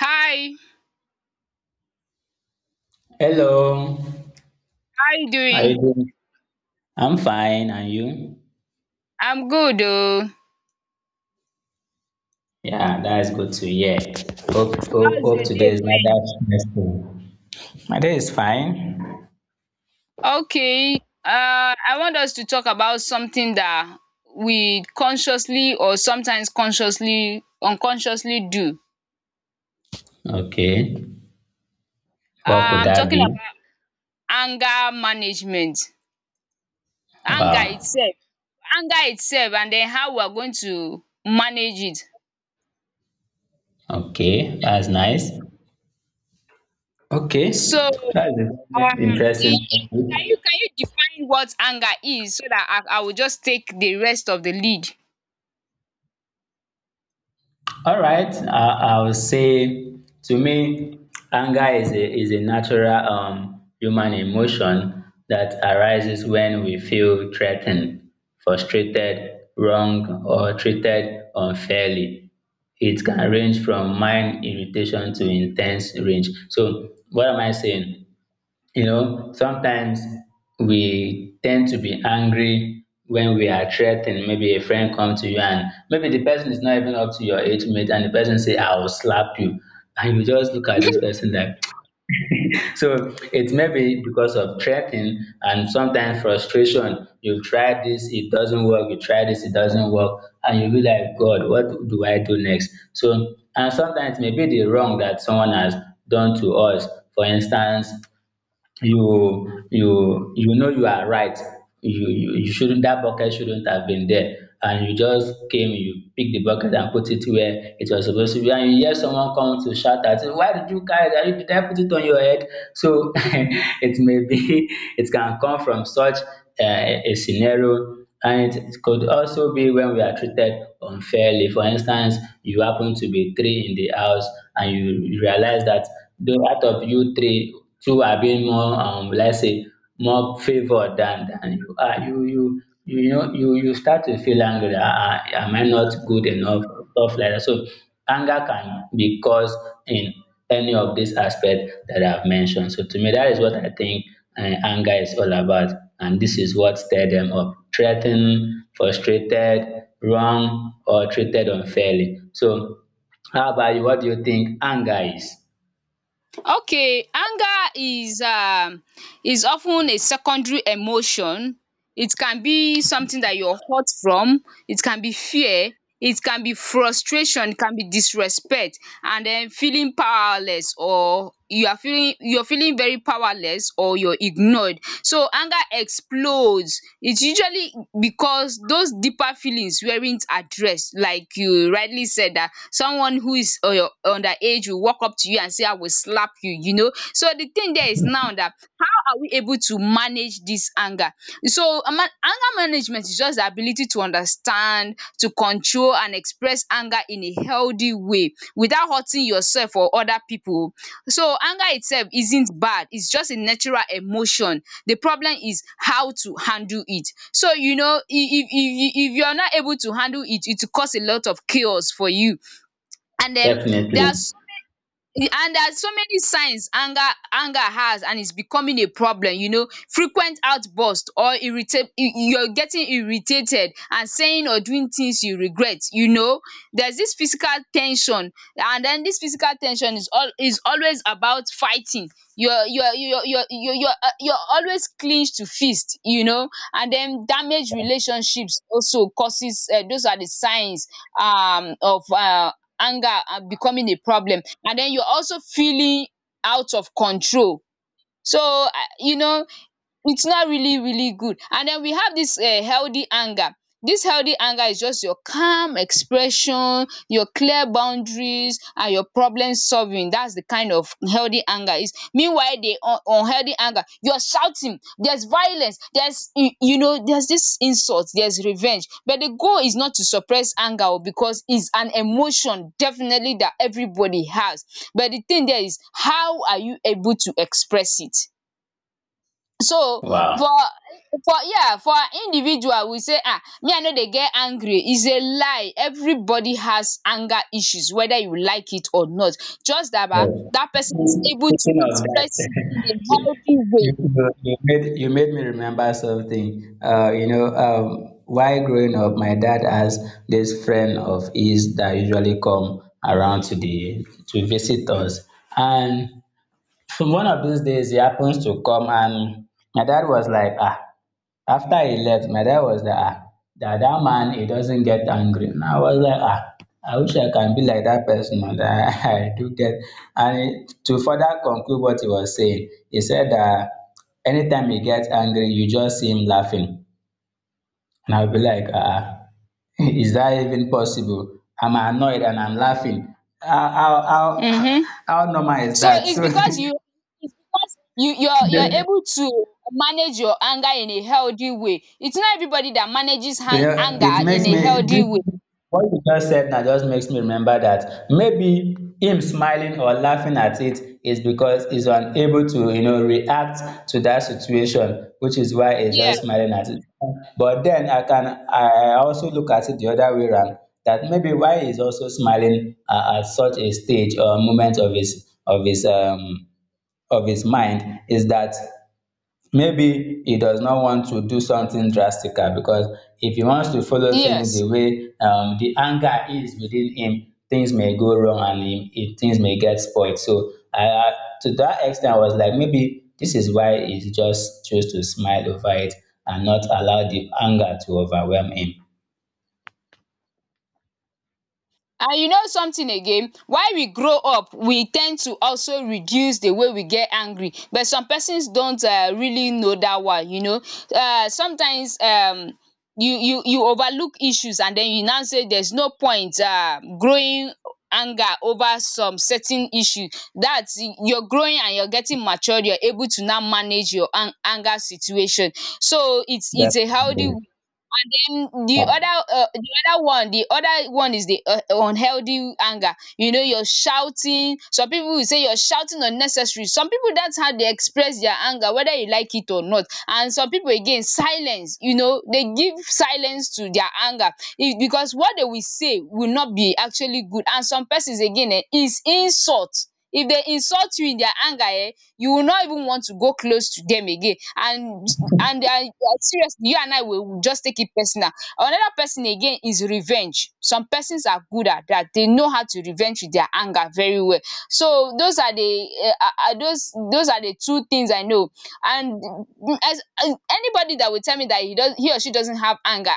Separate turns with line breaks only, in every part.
Hi,
Hello,
how you
how you
doing?
doing? I'm fine, and you?
I'm good oh.
Yeah, that is good to hear. Hope, hope,
How's
hope
your day
today is not
going?
that stressful. My day is fine.
Okay, I want us to talk about something that we consciously or sometimes consciously unconsciously do.
Okay, what could
I'm
that
talking
be?
about anger management. Anger
Wow.
itself. Anger itself and then how we are going to manage it.
Okay, that's nice. Okay,
So
that is an
um e
interesting
e
topic.
can you define what anger is so that I will just take the rest of the lead?
All right, I would say to me, anger is a natural human emotion that arises when we feel threatened, frustrated, wrong, or treated unfairly. It can range from mild irritation to intense rage. So, what am I saying? You know, sometimes we tend to be angry when we are threatened. Maybe a friend come to you and maybe the person is not even up to your age mate and the person say, I will slap you. And you just look at this person that so it may be because of threatening and sometimes frustration. You try this, it doesn't work, you try this, it doesn't work, and you be like, God, what do I do next? So and sometimes maybe the wrong that someone has done to us. For instance, you know you are right, you shouldn't, that bucket shouldn't have been there, and you just came, you pick the bucket and put it where it was supposed to be, and you hear someone come to shout at you, why did you carry that? You- did I put it on your head? So it may be it can come from such a scenario, and it could also be when we are treated unfairly. For instance, you happen to be three in the house, and you realize that though out of you three, two are being more let's say more favored than you are. You know you start to feel angry. Ah, ah, am I not good enough? Stuff like that. So anger can be caused in any of these aspects that I've mentioned. So to me, that is what I think anger is all about, and this is what stirred them up: threatened, frustrated, wrong, or treated unfairly. So, how about you? What do you think anger is?
Okay, anger is often a secondary emotion. It can be something that you're hurt from, it can be fear, it can be frustration, it can be disrespect, and then feeling powerless, or you are feeling you're feeling very powerless, or you're ignored. So anger explodes. It's usually because those deeper feelings weren't addressed, like you rightly said, that someone who is underage will walk up to you and say, I will slap you, you know. So the thing there is now that, how are we able to manage this anger? So anger management is just the ability to understand, to control and express anger in a healthy way without hurting yourself or other pipu o. So anger itself isn't bad, it's just a natural emotion. The problem is how to handle it. So if you are not able to handle it, it will cause a lot of chaos for you, and then there
Definitely.
are so Y- and there are so many signs anger has and is becoming a problem. You know. Frequent outburst, or you're getting irritated and saying or doing things you regret. There's this physical ten sion, and then this physical ten sion is always about fighting. You're always clenched to fist. And then damaged relationships also causes, those are the signs of anger are becoming a problem, and then you're also feeling out of control, so it's not really really good. And then we have this healthy anger. This healthy anger is just your calm expression, your clear boundaries, and your problem solving. That's the kind of healthy anger is. Meanwhile, the un unhealthy anger, you're shouting, there's violence, there's there's this insult, there's revenge. But the goal is not to suppress anger o, because it's an emotion definitely that everybody has. But the thing there is, how are you able to express it? So
Wow.
for an individual, we say, ah, me, I know, they get angry is a lie. Everybody has anger issues whether you like it or not. Just that ba
Yeah.
that person is able to
Speaking of that,
express it in a healthy
You, you made me remember something. You know, while growing up, my dad has this friend of his that usually come around to the to visit us. And from one of these days, he happens to come, and my dad was like, ah. After he left, my dad was like, ah, that man, he doesn't get angry. And I was like, ah, I wish I can be like that person oh, that I do get. And he- to further conclude what he was saying, he said that anytime he gets angry, you just see him laughing. And I'll be like, ah, is that even possible? I'm annoyed and I'm laughing. How, how, how,
way.
how normal is
So
that?
it's
So
because you it's because you you're you're
the
able to manage your anger in a healthy way. It's not everybody that manages hang
Yeah, it
anger in
makes
a
me
healthy
this
way.
what you just said now just makes me remember that maybe him smiling or laughing at it is because he's unable to, you know, react to that situation, which is why he's
Yeah.
just smiling at it. But then I can I also look at it the other way around that maybe why he's also smiling at such a stage or moment of his of his mind is that maybe he does not want to do something drastical because if he wants to follow things the
Yes.
way the anger is within him, things may go wrong and things may get spoiled. So to that extent, I was like, maybe this is why he just chose to smile over it and not allow the anger to overwhelm him.
And you know something again, while we grow up we ten d to also reduce the way we get angry, but some persons don't really know that one. Sometimes you overlook issues, and den you now say there's no point growing anger over some certain issue, that you're growing and you're getting matured, you're able to now manage your anger situation. So it's a healthy.
Definitely.
And then the other one is the unhealthy anger. You're shouting. Some people will say you're shouting unnecessary. Some people, that's how they express their anger, whether you like it or not. And some people again, silence. They give silence to their anger, if because what they will say will not be actually good. And some persons again, is insult. If they insult you in their anger, eh, you will not even want to go close to them again, and seriously, you and I will just take it personal. Another person again is revenge. Some persons are good at that, they know how to revenge with their anger very well. So those are the, those are the two things I know. And as anybody that will tell me that he or she doesn't have anger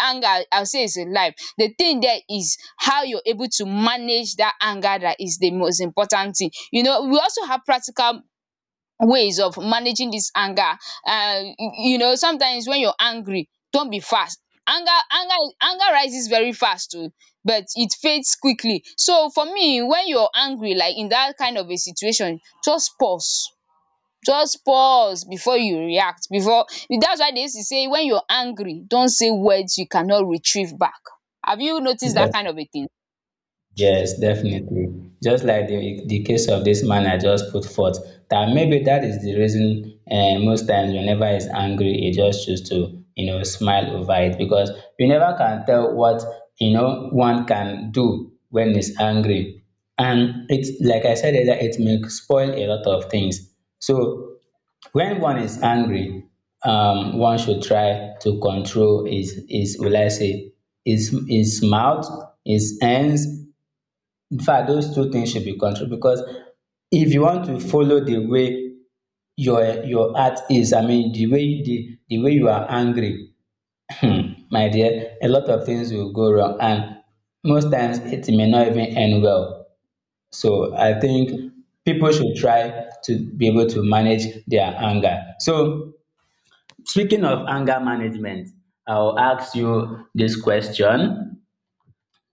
anger I'll say is a life. The thing there is how you're able to manage that anger, that is the most important thing. We also have practical ways of managing this anger. Sometimes when you're angry, don't be fast. Anger anger anger rises very fast oo, but it fades quickly. So for me, when you're angry, like in that kind of a situation, just pause. Just pause before you react before That's why they used to say, when you're angry, don't say words you cannot retrieve back. Have you noticed that kind of a thing?
Yes, definitely. Just like the case of this man I just put forth, that maybe that is the reason most times whenever he's angry, he just choose to, you know, smile over it because you never can tell what, you know, one can do when he's angry. And it's like I said earlier, it may spoil a lot of things. So when one is angry, one should try to control his will I say, his mouth, his hands, in fact, those two things should be controlled because if you want to follow the way your heart is, I mean the way you are angry, my dear, a lot of things will go wrong and most times it may not even end well. So I think people should try to be able to manage their anger. So speaking of anger management, I'll ask you this question.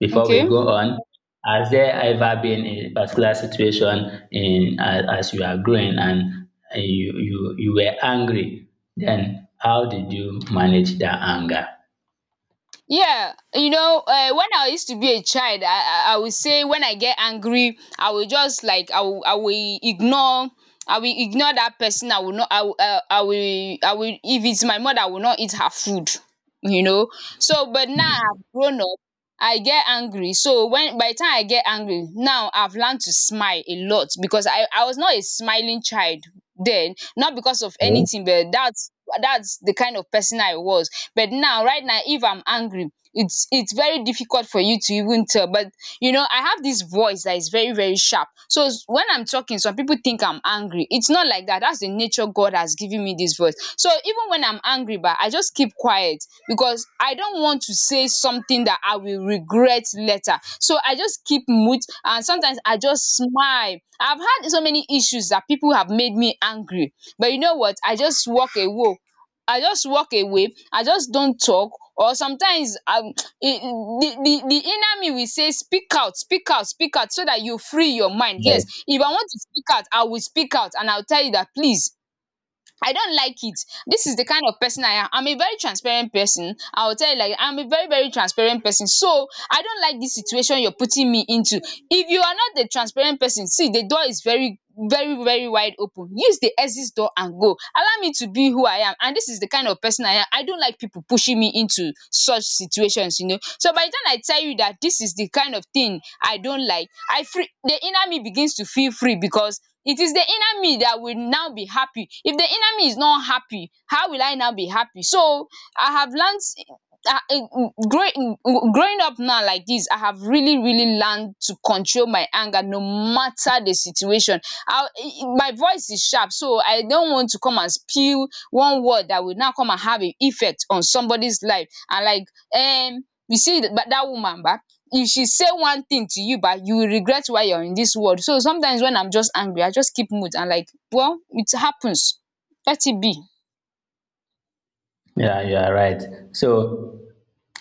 Before we
Okay.
go on, has there ever been a particular situation in as you are growing and you were angry? Then how did you manage that anger?
Yeah, when I used to be a child, I would say, when I get angry I will just, like, I will ignore that person. I will not I will I will I will If it's my mother I will not eat her food, you know. So but now I've grown up. I get angry so when By the time I get angry now, I've learned to smile a lot, because I was not a smiling child then, not because of
Oh,
anything, but that's the kind of person I was. But now, right now, if I'm angry, it's very difficult for you to even tell. But I have this voice that is very very sharp, so when I'm talking, some people think I'm angry. It's not like that. That's the nature God has given me, this voice. So even when I'm angry, but I just keep quiet, because I don't want to say something that I will regret later. So I just keep mute, and sometimes I just smile. I've had so many issues that people have made me angry, but you know what, I just walk away. I just walk away. I just don't talk. Or sometimes, I the inner me will say, speak out, speak out, speak out, so that you free your mind.
yeah.
Yes, if I want to speak out, I will speak out, and I'll tell you that, please, I don't like it. This is the kind of person I am. I'm a very transparent person. I will tell you, like, I'm a very, very transparent person. So I don't like this situation you're putting me into. If you are not the transparent person, see, the door is very, very, very wide open. Use the exit door and go. Allow me to be who I am. And this is the kind of person I am. I don't like people pushing me into such situations. So by the time I tell you that this is the kind of thing I don't like, I free the inner me begins to feel free, because it is the inner me that will now be happy. If the inner me is not happy, how will I now be happy? So I have learned. I, growing growing up now like this, I have really really learned to control my anger, no matter the situation. I, my voice is sharp, so I don't want to come and spew one word that will now come and have an effect on somebody's life. And but that woman but if she say one thing to you, but you will regret why you're in this world. So sometimes when I'm just angry, I just keep mute, and like, well, it happens, let it be.
Yeah, you are right. So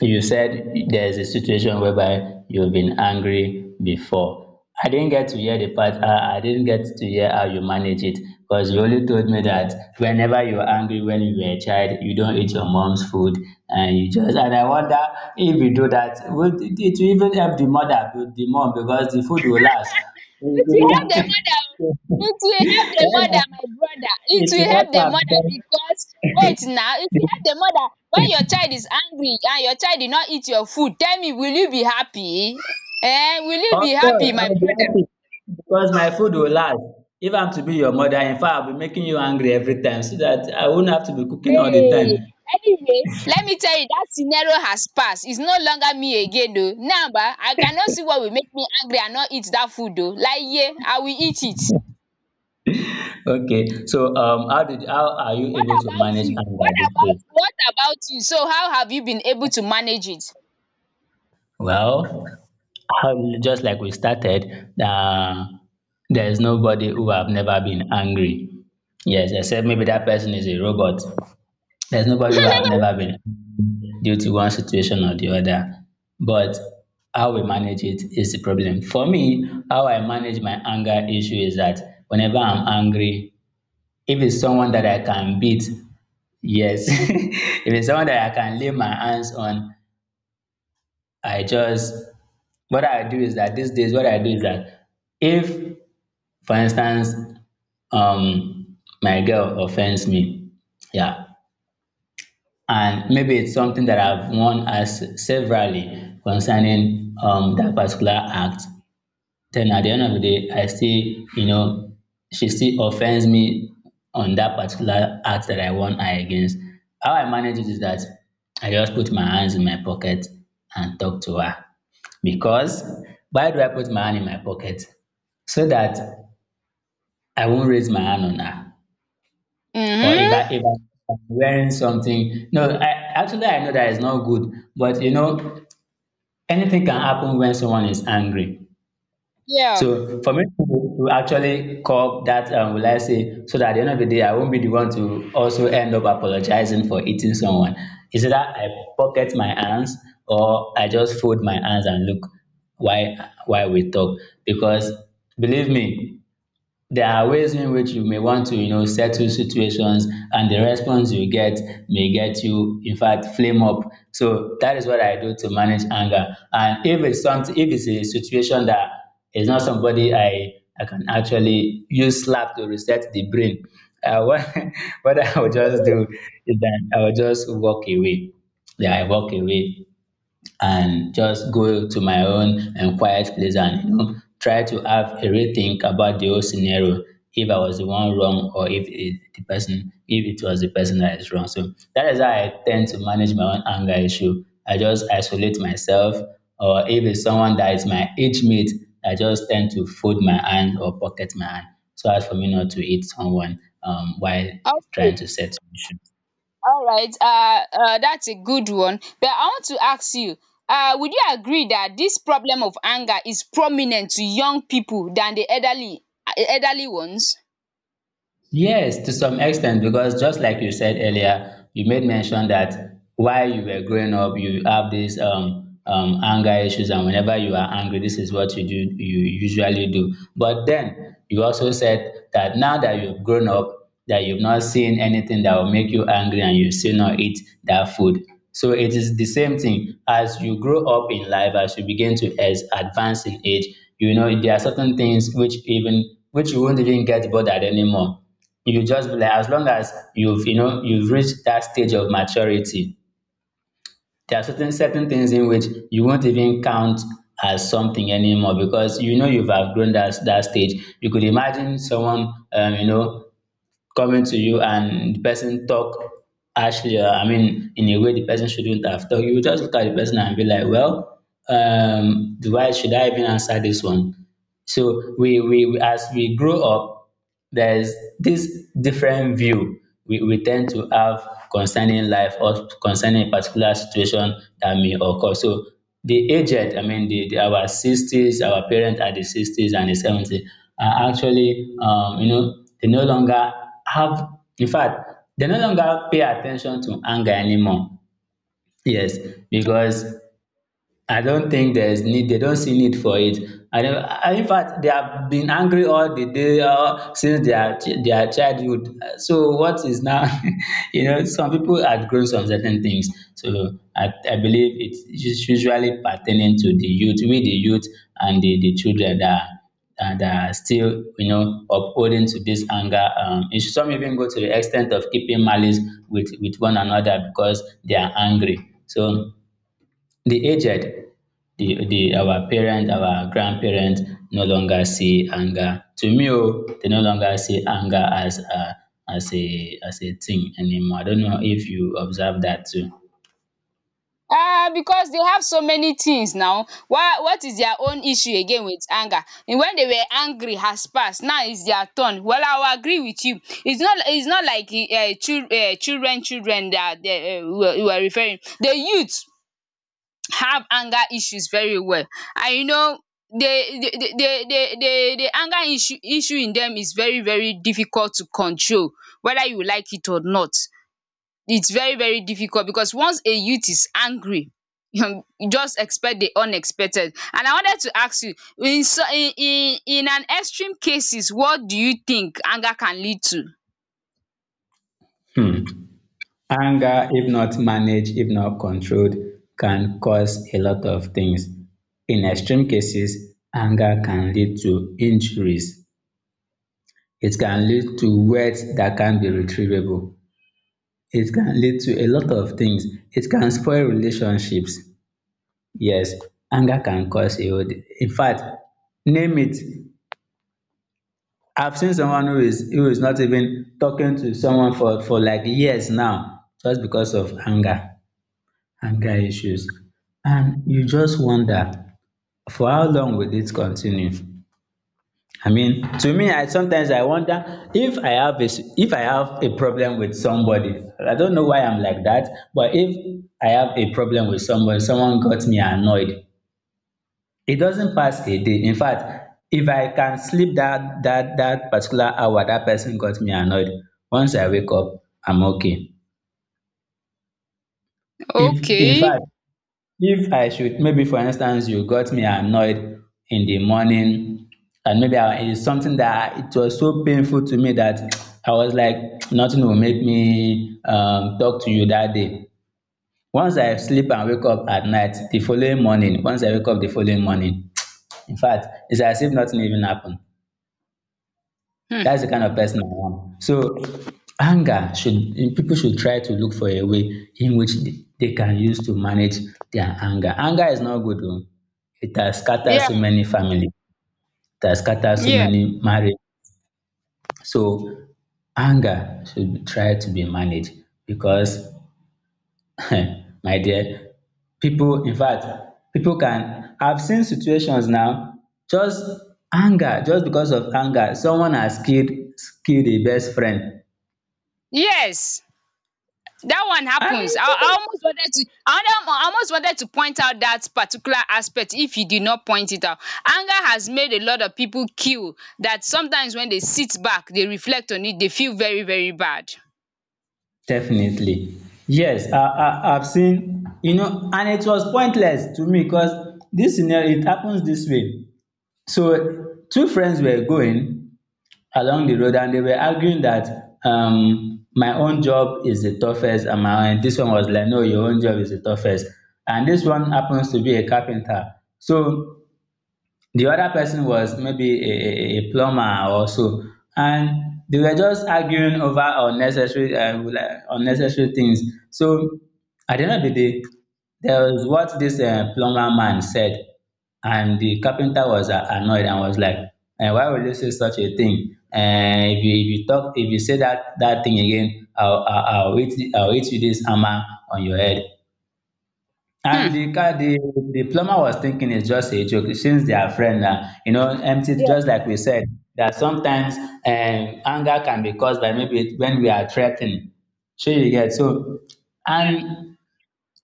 you said there's a situation whereby you've been angry before. I didn't get to hear the part, I didn't get to hear how you manage it because you only told me that whenever you're angry when you were a child, you don't eat your mom's food and you just, and I wonder if you do that, would it will even help the mother, the mom, because the food will last.
It will help the
it
mother
will
oo, it will help the mother, my brother, it will
help
help the mother.
her
Because wait now, it will help the mother, when your child is angry and your child did not eat your food. Tell me, will you be happy? Eh, will you
Of
be
course,
happy,
I
my
will be
brother?
happy because my food will last. If I'm to be your mother, in fact, I'll be making you angry every time so that I won't have to be cooking all the
Hey,
time.
anyway, let me tell you, that scenario has passed, its no longer me again oo. Now ba, I cannot see what will make me angry and not eat that food oo laye, I will eat it.
Okay, so how did how are you
what
able to
about
manage
you
anger
what
these days?
about what about you so how have you been able to manage it?
Well, how- just like we started, uh, there is nobody who have never been angry. Yes, except maybe that person is a robot. There's nobody who I've never been due to one situation or the other. But how we manage it is the problem. For me, how I manage my anger issue is that whenever I'm angry, if it's someone that I can beat, yes. if it's someone that I can lay my hands on, I just, what I do is that these days, what I do is that if, for instance, my girl offends me, yeah, and maybe it's something that I've won as severally concerning that particular act. Then at the end of the day, I still, you know, she still offends me on that particular act that I won her against. How I manage it is that I just put my hands in my pocket and talk to her. Because why do I put my hand in my pocket? So that I won't raise my hand on her or
Mhm.
if I'm wearing something. No, I, actually I know that is not good, but you know anything can happen when someone is angry.
Yeah.
So for me to actually curb that, will I say, so that at the end of the day I won't be the one to also end up apologizing for eating someone. Is it that I pocket my hands or I just fold my hands and look why why we talk? Because believe me, there are ways in which you may want to, you know, settle situations and the response you get may get you, in fact, flame up. So that is what I do to manage anger. And if it's something, if it's a situation that is not somebody I can actually use slap to reset the brain, uh, what, what I will just do is that I will just walk away. Yeah, I walk away and just go to my own and quiet place and you know, try to have a rethink about the whole scenario if I was the one wrong or if it, the person if it was the person that is wrong. So that is how I tend to manage my own anger issue. I just isolate myself, or if it's someone that is my age mate, I just tend to fold my hand or pocket my hand so as for me not to hit someone while trying
Okay.
to settle issue.
All right. That's a good one. But I want to ask you, would you agree that this problem of anger is prominent to young people than the elderly ones?
Yes, to some extent, because just like you said earlier, you made mention that while you were growing up, you have these anger issues, and whenever you are angry, this is what you do, you usually do. But then you also said that now that you've grown up, that you've not seen anything that will make you angry, and you still not eat that food. So it is the same thing. As you grow up in life, as you begin to as advance in age, you know there are certain things which even which you won't even get bothered anymore. You just be like, as long as you've you know you've reached that stage of maturity, there are certain things in which you won't even count as something anymore because you've outgrown that stage. You could imagine someone coming to you, and the person talk harshly, or I mean in a way the person shouldn't have talked, you will just look at the person and be like, well, do I, should I even answer this one? So as we grow up, there's this different view we tend to have concerning life or concerning a particular situation that may occur. So the aged, I mean, the, our 60s, our parents at the 60s and the 70s, are actually, you know, they no longer have, in fact, they no longer pay attention to anger anymore. Yes, because I don't think there's need they don't see need for it. And in fact, they have been angry all the day since their childhood. So what is now, you know, some people had grown some certain things. So I believe it's usually pertaining to the youth, we the youth and the children that are still, you know, upholding to this anger. Some even go to the extent of keeping malice with one another because they are angry. So the aged, the our parents, our grandparents, no longer see anger. To me, oh, they no longer see anger as a, as a thing anymore. I don't know if you observe that too.
Ah, because they have so many things now. Why? What is their own issue again with anger? And when they were angry has passed, now is their turn. Well, I will agree with you. It's not like children that they, you were referring. The youth have anger issues very well. And you know, the anger issue in them is very difficult to control, whether you like it or not. It's very difficult because once a youth is angry you just expect the unexpected. And I wanted to ask you, in so in an extreme cases, what do you think anger can lead to?
Hmm. Anger, if not managed, if not controlled, can cause a lot of things. In extreme cases, anger can lead to injuries. It can lead to words that can be retrievable. It can lead to a lot of things. It can spoil relationships. Yes, anger can cause a whole de in fact, name it. I've seen someone who is not even talking to someone for like years now just because of anger, anger issues. And you just wonder, for how long will this continue? I mean, to me, I sometimes I wonder, if I have if I have a problem with somebody. I don't know why I'm like that, but if I have a problem with someone, someone got me annoyed, it doesn't pass a day. In fact, if I can sleep that particular hour that person got me annoyed, once I wake up, I'm okay. If in
Okay.
fact, if I should, maybe for instance, you got me annoyed in the morning, and maybe I, it's something that it was so painful to me that I was like nothing will make me talk to you that day. Once I sleep and wake up at night the following morning, once I wake up the following morning in fact, it's as if nothing even happened.
um
That's the kind of person I am. So anger should, people should try to look for a way in which they can use to manage their anger. Anger is not good o. It has scattered
yeah,
so many families. It has scattered so
yeah,
many marriage. So anger try to be managed because my dear, people, in fact, people can, I've seen situations now, just anger, just because of anger, someone has killed, killed a best friend.
yes. That one happens. I
And
almost wanted to, I wonder, I almost wanted to point out that particular aspect if you did not point it out. Anger has made a lot of people kill that sometimes when they sit back, they reflect on it, they feel very, very bad.
definitely. Yes, I've seen, you know, and it was pointless to me because this scenario, it happens this way. So, two friends were going along the road and they were arguing that, my own job is the toughest, and my and this one was like, no, your own job is the toughest. And this one happens to be a carpenter. So, the other person was maybe a plumber or so, and they were just arguing over unnecessary like unnecessary things. So at the end of the day, there was what this plumber man said, and the carpenter was annoyed and was like, why would you say such a thing? If you, if you talk if you say that thing again, I'll hit, you this hammer on your head.
Hmm.
And the guy, the plumber was thinking it's just a joke since they are friends now. You know, empty. Just like we said, that sometimes, anger can be caused by maybe when we are threatened. So you get so, and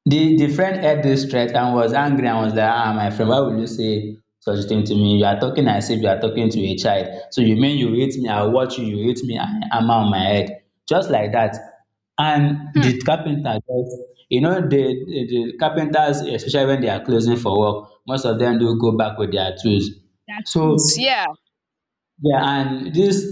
the friend heard this threat and was angry and was like, ah, my friend, why would you say such a thing to me? You are talking as if you are talking to a child. So you mean you hit me? I will watch you, you hit me and hammer on my head, just like that. And
Hmm.
the carpenter just, you know, the the carpenters, especially when they are closing for work, most of them do go back with their tools. So
Yeah.
yeah, and this,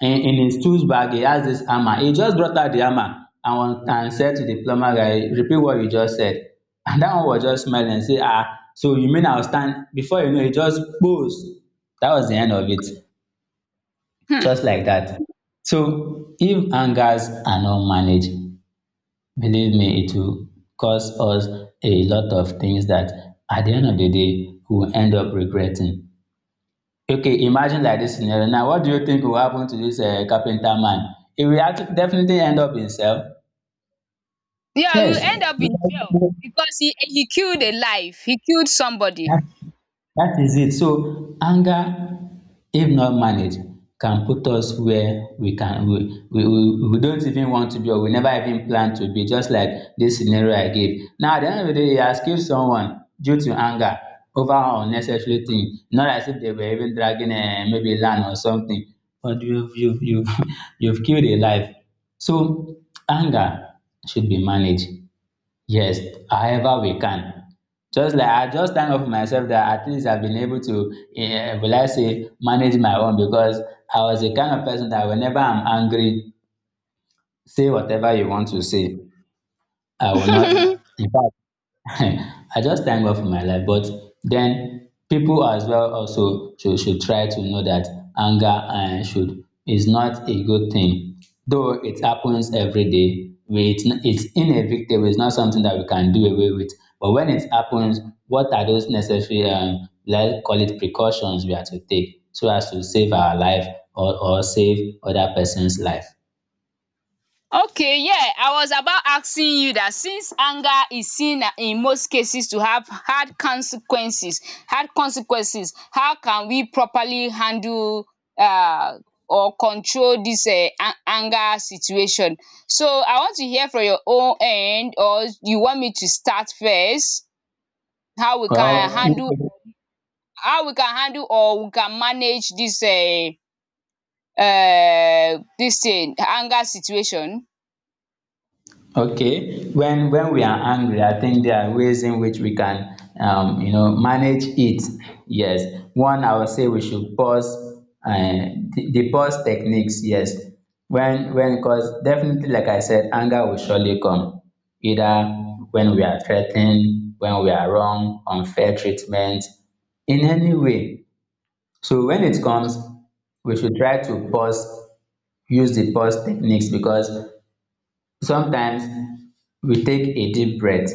in his tools bag, he has this hammer. He just brought out the hammer and one, and said to the plumber guy, repeat what you just said. And that one was just smiling and say, ah, so you mean I'll stand before you know it, just pose. That was the end of it.
Hmm.
Just like that. So if angers are not managed, believe me, it will cause us a lot of things that at the end of the day we will end up regretting. Okay, imagine like this scenario. Now, what do you think will happen to this carpenter man? He will definitely end up himself.
Yeah, you
Yes.
end up in jail
Because
because he killed a life. He killed somebody.
that, that is it. So anger, if not managed, can put us where we can, we don't even want to be, or we never even plan to be, just like this scenario I gave. Now at the end of the day, he has killed someone due to anger over an unnecessary thing. Not as if they were even dragging, maybe land or something, but you've you've killed a life. So anger should be managed. Yes, however we can. Just like I just thank God for myself that at least I've been able to, eh, will I say, manage my own, because I was the kind of person that whenever I'm angry, say whatever you want to say, I will not, in fact, I just thank God for my life. But then people as well also should try to know that anger, should is not a good thing. Though it happens every day, we, it's inevitable, it's not something that we can do away with. But when it happens, what are those necessary, let's call it precautions, we have to take so as to save our life, or save other person's life?
Okay, yeah, I was about asking you that since anger is seen in most cases to have hard consequences, how can we properly handle uh, or control this anger situation? So I want to hear from your own end, or you want me to start first? How we can
Well,
handle, how we can handle, or we can manage this this thing, anger situation?
okay, when we are angry, I think there are ways in which we can, you know, manage it. Yes, one, I would say we should pause, the pause techniques. Yes, when, because definitely, like I said, anger will surely come, either when we are threatened, when we are wrong, unfair treatment, in any way. So when it comes, we should try to pause, use the pause techniques, because sometimes we take a deep breath,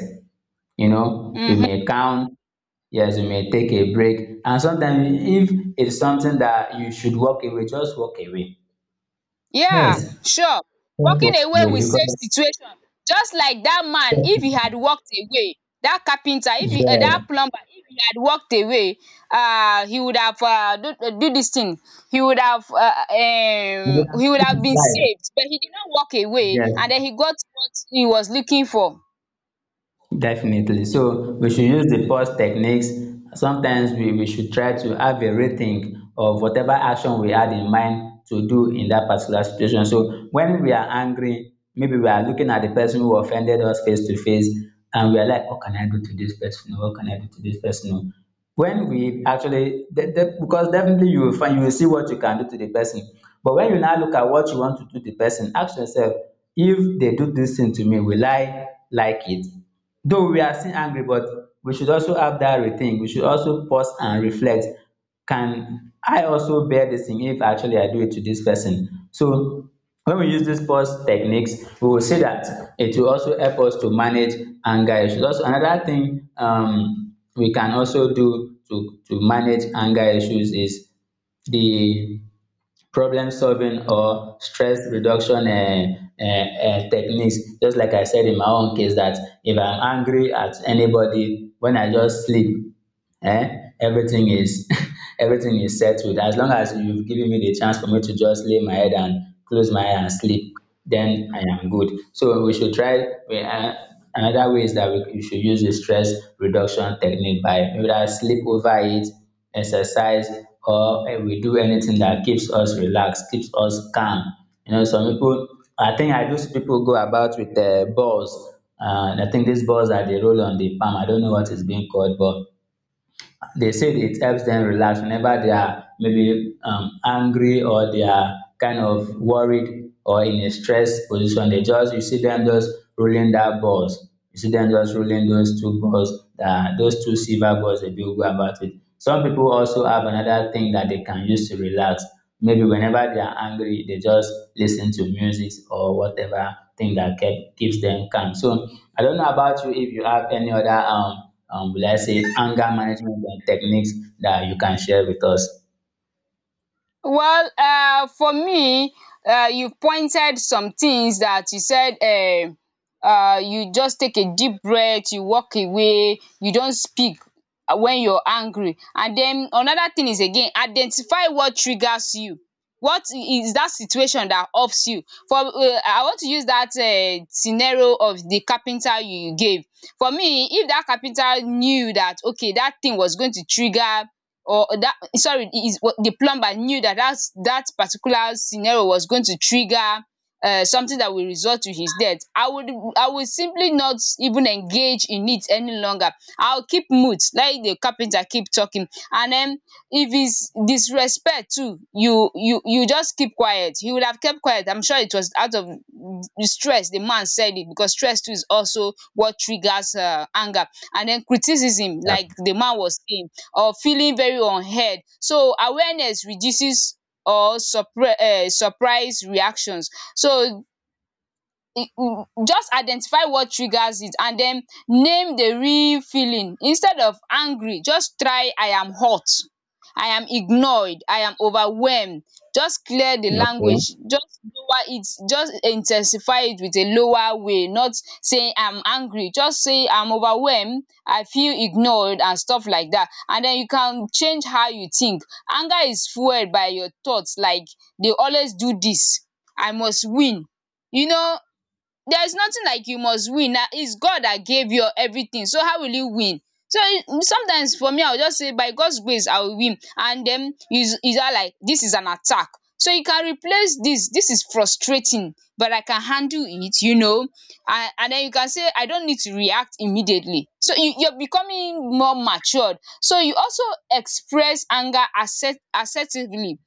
you know, we may
Mm-hmm.
count, yes, we may take a break. And sometimes, if it's something that you should walk away, just walk away. Yes,
Yeah,
just
sure. Walking
walk
away
away
will save
because,
situation. Just like dat man, if he had walked away, dat carpenter, if
yes,
he dat
you
plumber, if he had walked away, he would have do do dis thing. He would have
know,
he would have
it's
been
life.
saved, but he did not walk away,
Yes.
and then he got what he was looking for.
Definitely. So we should use the pause techniques. Sometimes we should try to have a rethink of whatever action we had in mind to do in that particular situation. So when we are angry, maybe we are looking at the person who offended us face to face, and we are like, what can I do to this person? What can I do to this person? No. When we actually, because definitely you will find, you will see what you can do to the person. But when you now look at what you want to do to the person, ask yourself, if they do this thing to me, will I like it? Though we are still angry, but we should also have that rethink, we should also pause and reflect, can I also bear this thing if actually I do it to this person? So when we use dis pause techniques, we will see that it will also help us to manage anger issues. Also, another thing, um, we can also do to manage anger issues is the problem solving or stress reduction, um, techniques. Just like I said in my own case, that if I'm angry at anybody, when I just sleep, eh, everything is everything is settled, as long as you've given me the chance for me to just lay my head and close my eye and sleep, then I am good. So we should try, we, um, another way is that we should use the stress reduction technique, by maybe that's sleep over it, exercise, or eh, we do anything that keeps us relaxed, keeps us calm. You know, some people, I think I do see people go about with, balls. I think these balls that they roll on the palm, I don't know what is being called, but they said it helps them relax whenever they are maybe, angry, or they are kind of worried, or in a stress position. They just, you see them just rolling that balls. You see them just rolling those two balls, that those two silver balls. They do go about it. Some people also have another thing that they can use to relax. Maybe whenever they are angry, they just listen to music or whatever thing that keeps them calm. So I don't know about you, if you have any other will I say, anger management and techniques that you can share with us?
Well, for me, you pointed some things that you said. You just take a deep breath, you walk away, you don't speak when you're angry. And den another thing is, again, identify what triggers you. What is that situation that ups you? For I want to use that scenario of the carpenter you gave. For me, if that carpenter knew that okay, that thing was going to trigger, or that sorry is, what the plumber knew that that's that particular scenario was going to trigger something that will result to his death, I would, I would simply not even engage in it any longer. I will keep mute, let the carpenter keep talking. And den if is disrespect too, you you just keep quiet. He would have kept quiet. I'm sure it was out of stress, the man said it, because stress too is also what triggers anger. And den criticism, like the man was saying, or feeling very unheard. So awareness reduces or surprise reactions. So just identify what triggers it, and then name the real feeling. Instead of angry, just try, I am hot, I am ignored, I am overwhelmed. Just clear the
Yeah. Okay.
language, just lower it, just intensify it with a lower way. Not saying I'm angry, just say I'm overwhelmed, I feel ignored, and stuff like that. And then you can change how you think. Anger is fueled by your thoughts. Like, they always do this, I must win, you know. There is nothing like you must win, na is God that gave you everything, so how will you win? So sometimes for me, I will just say by God's grace I will win. And then is, that like this is an attack. So you can replace this, this is frustrating but I can handle it, you know. And then you can say, I don't need to react immediately. So you, you're becoming more matured. So you also express anger assertively.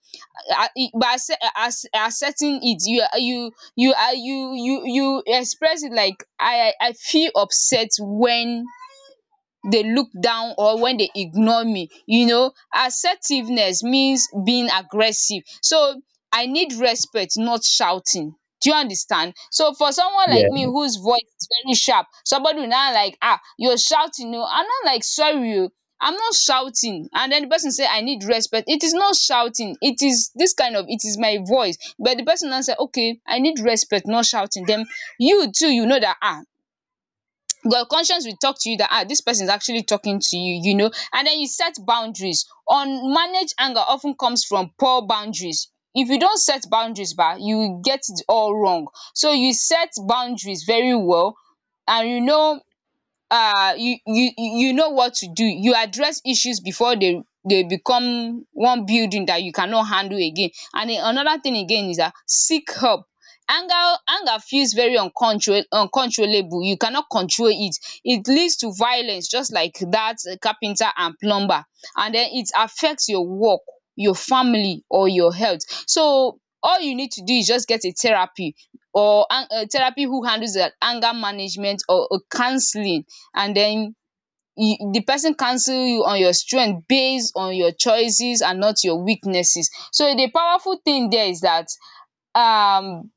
Accepting it, you are, you are, you express it like, I feel upset when they look down or when they ignore me. You know, assertiveness means being aggressive. So I need respect, not shouting. Do you understand? So for someone
Yeah.
like me whose voice is very sharp, somebody will now like, ah, you're shouting oo. I am not, like, sorry oo, I'm not shouting. And then the person say, I need respect. It is not shouting, it is this kind of, it is my voice. But the person now say, okay, I need respect, not shouting. Den you too, you know that, ah, your conscience will talk to you that, ah, this person is actually talking to you, you know. And then you set boundaries. Unmanaged anger often comes from poor boundaries. If you don't set boundaries ba, you will get it all wrong. So you set boundaries very well. And you know, you know what to do. You address issues before they become one building that you cannot handle again. And another thing again is that, seek help. anger Anger feels very uncontrollable, you cannot control it. It leads to violence, just like that carpenter and plumber. And then it affects your work, your family, or your health. So all you need to do is just get a therapy, or a therapy who handles the anger management or counselling. And then you, the person counsel you on your strength based on your choices and not your weaknesses. So the powerful thing there is that, um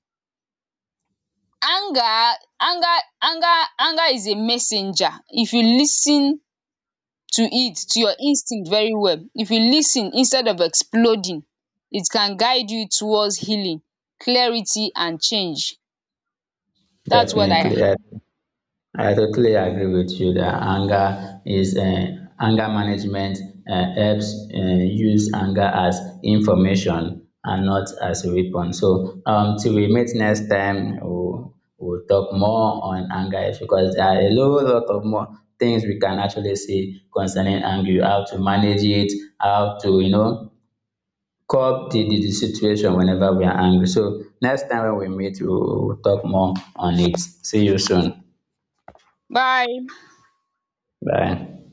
anger anger, anger is a messenger. If you listen to it, to your instinct, very well, if you listen instead of exploding, it can guide you towards healing, clarity and change. That's what I.
Definitely, I totally agree with you that anger is, anger management helps, use anger as information and not as a weapon. So, till we meet next time, we'll talk more on anger, because there are a whole lot of more things we can actually say concerning anger, how to manage it, how to, you know, curb the, the situation whenever we are angry. So next time when we meet, we will talk more on it. See you soon.
Bye.
Bye.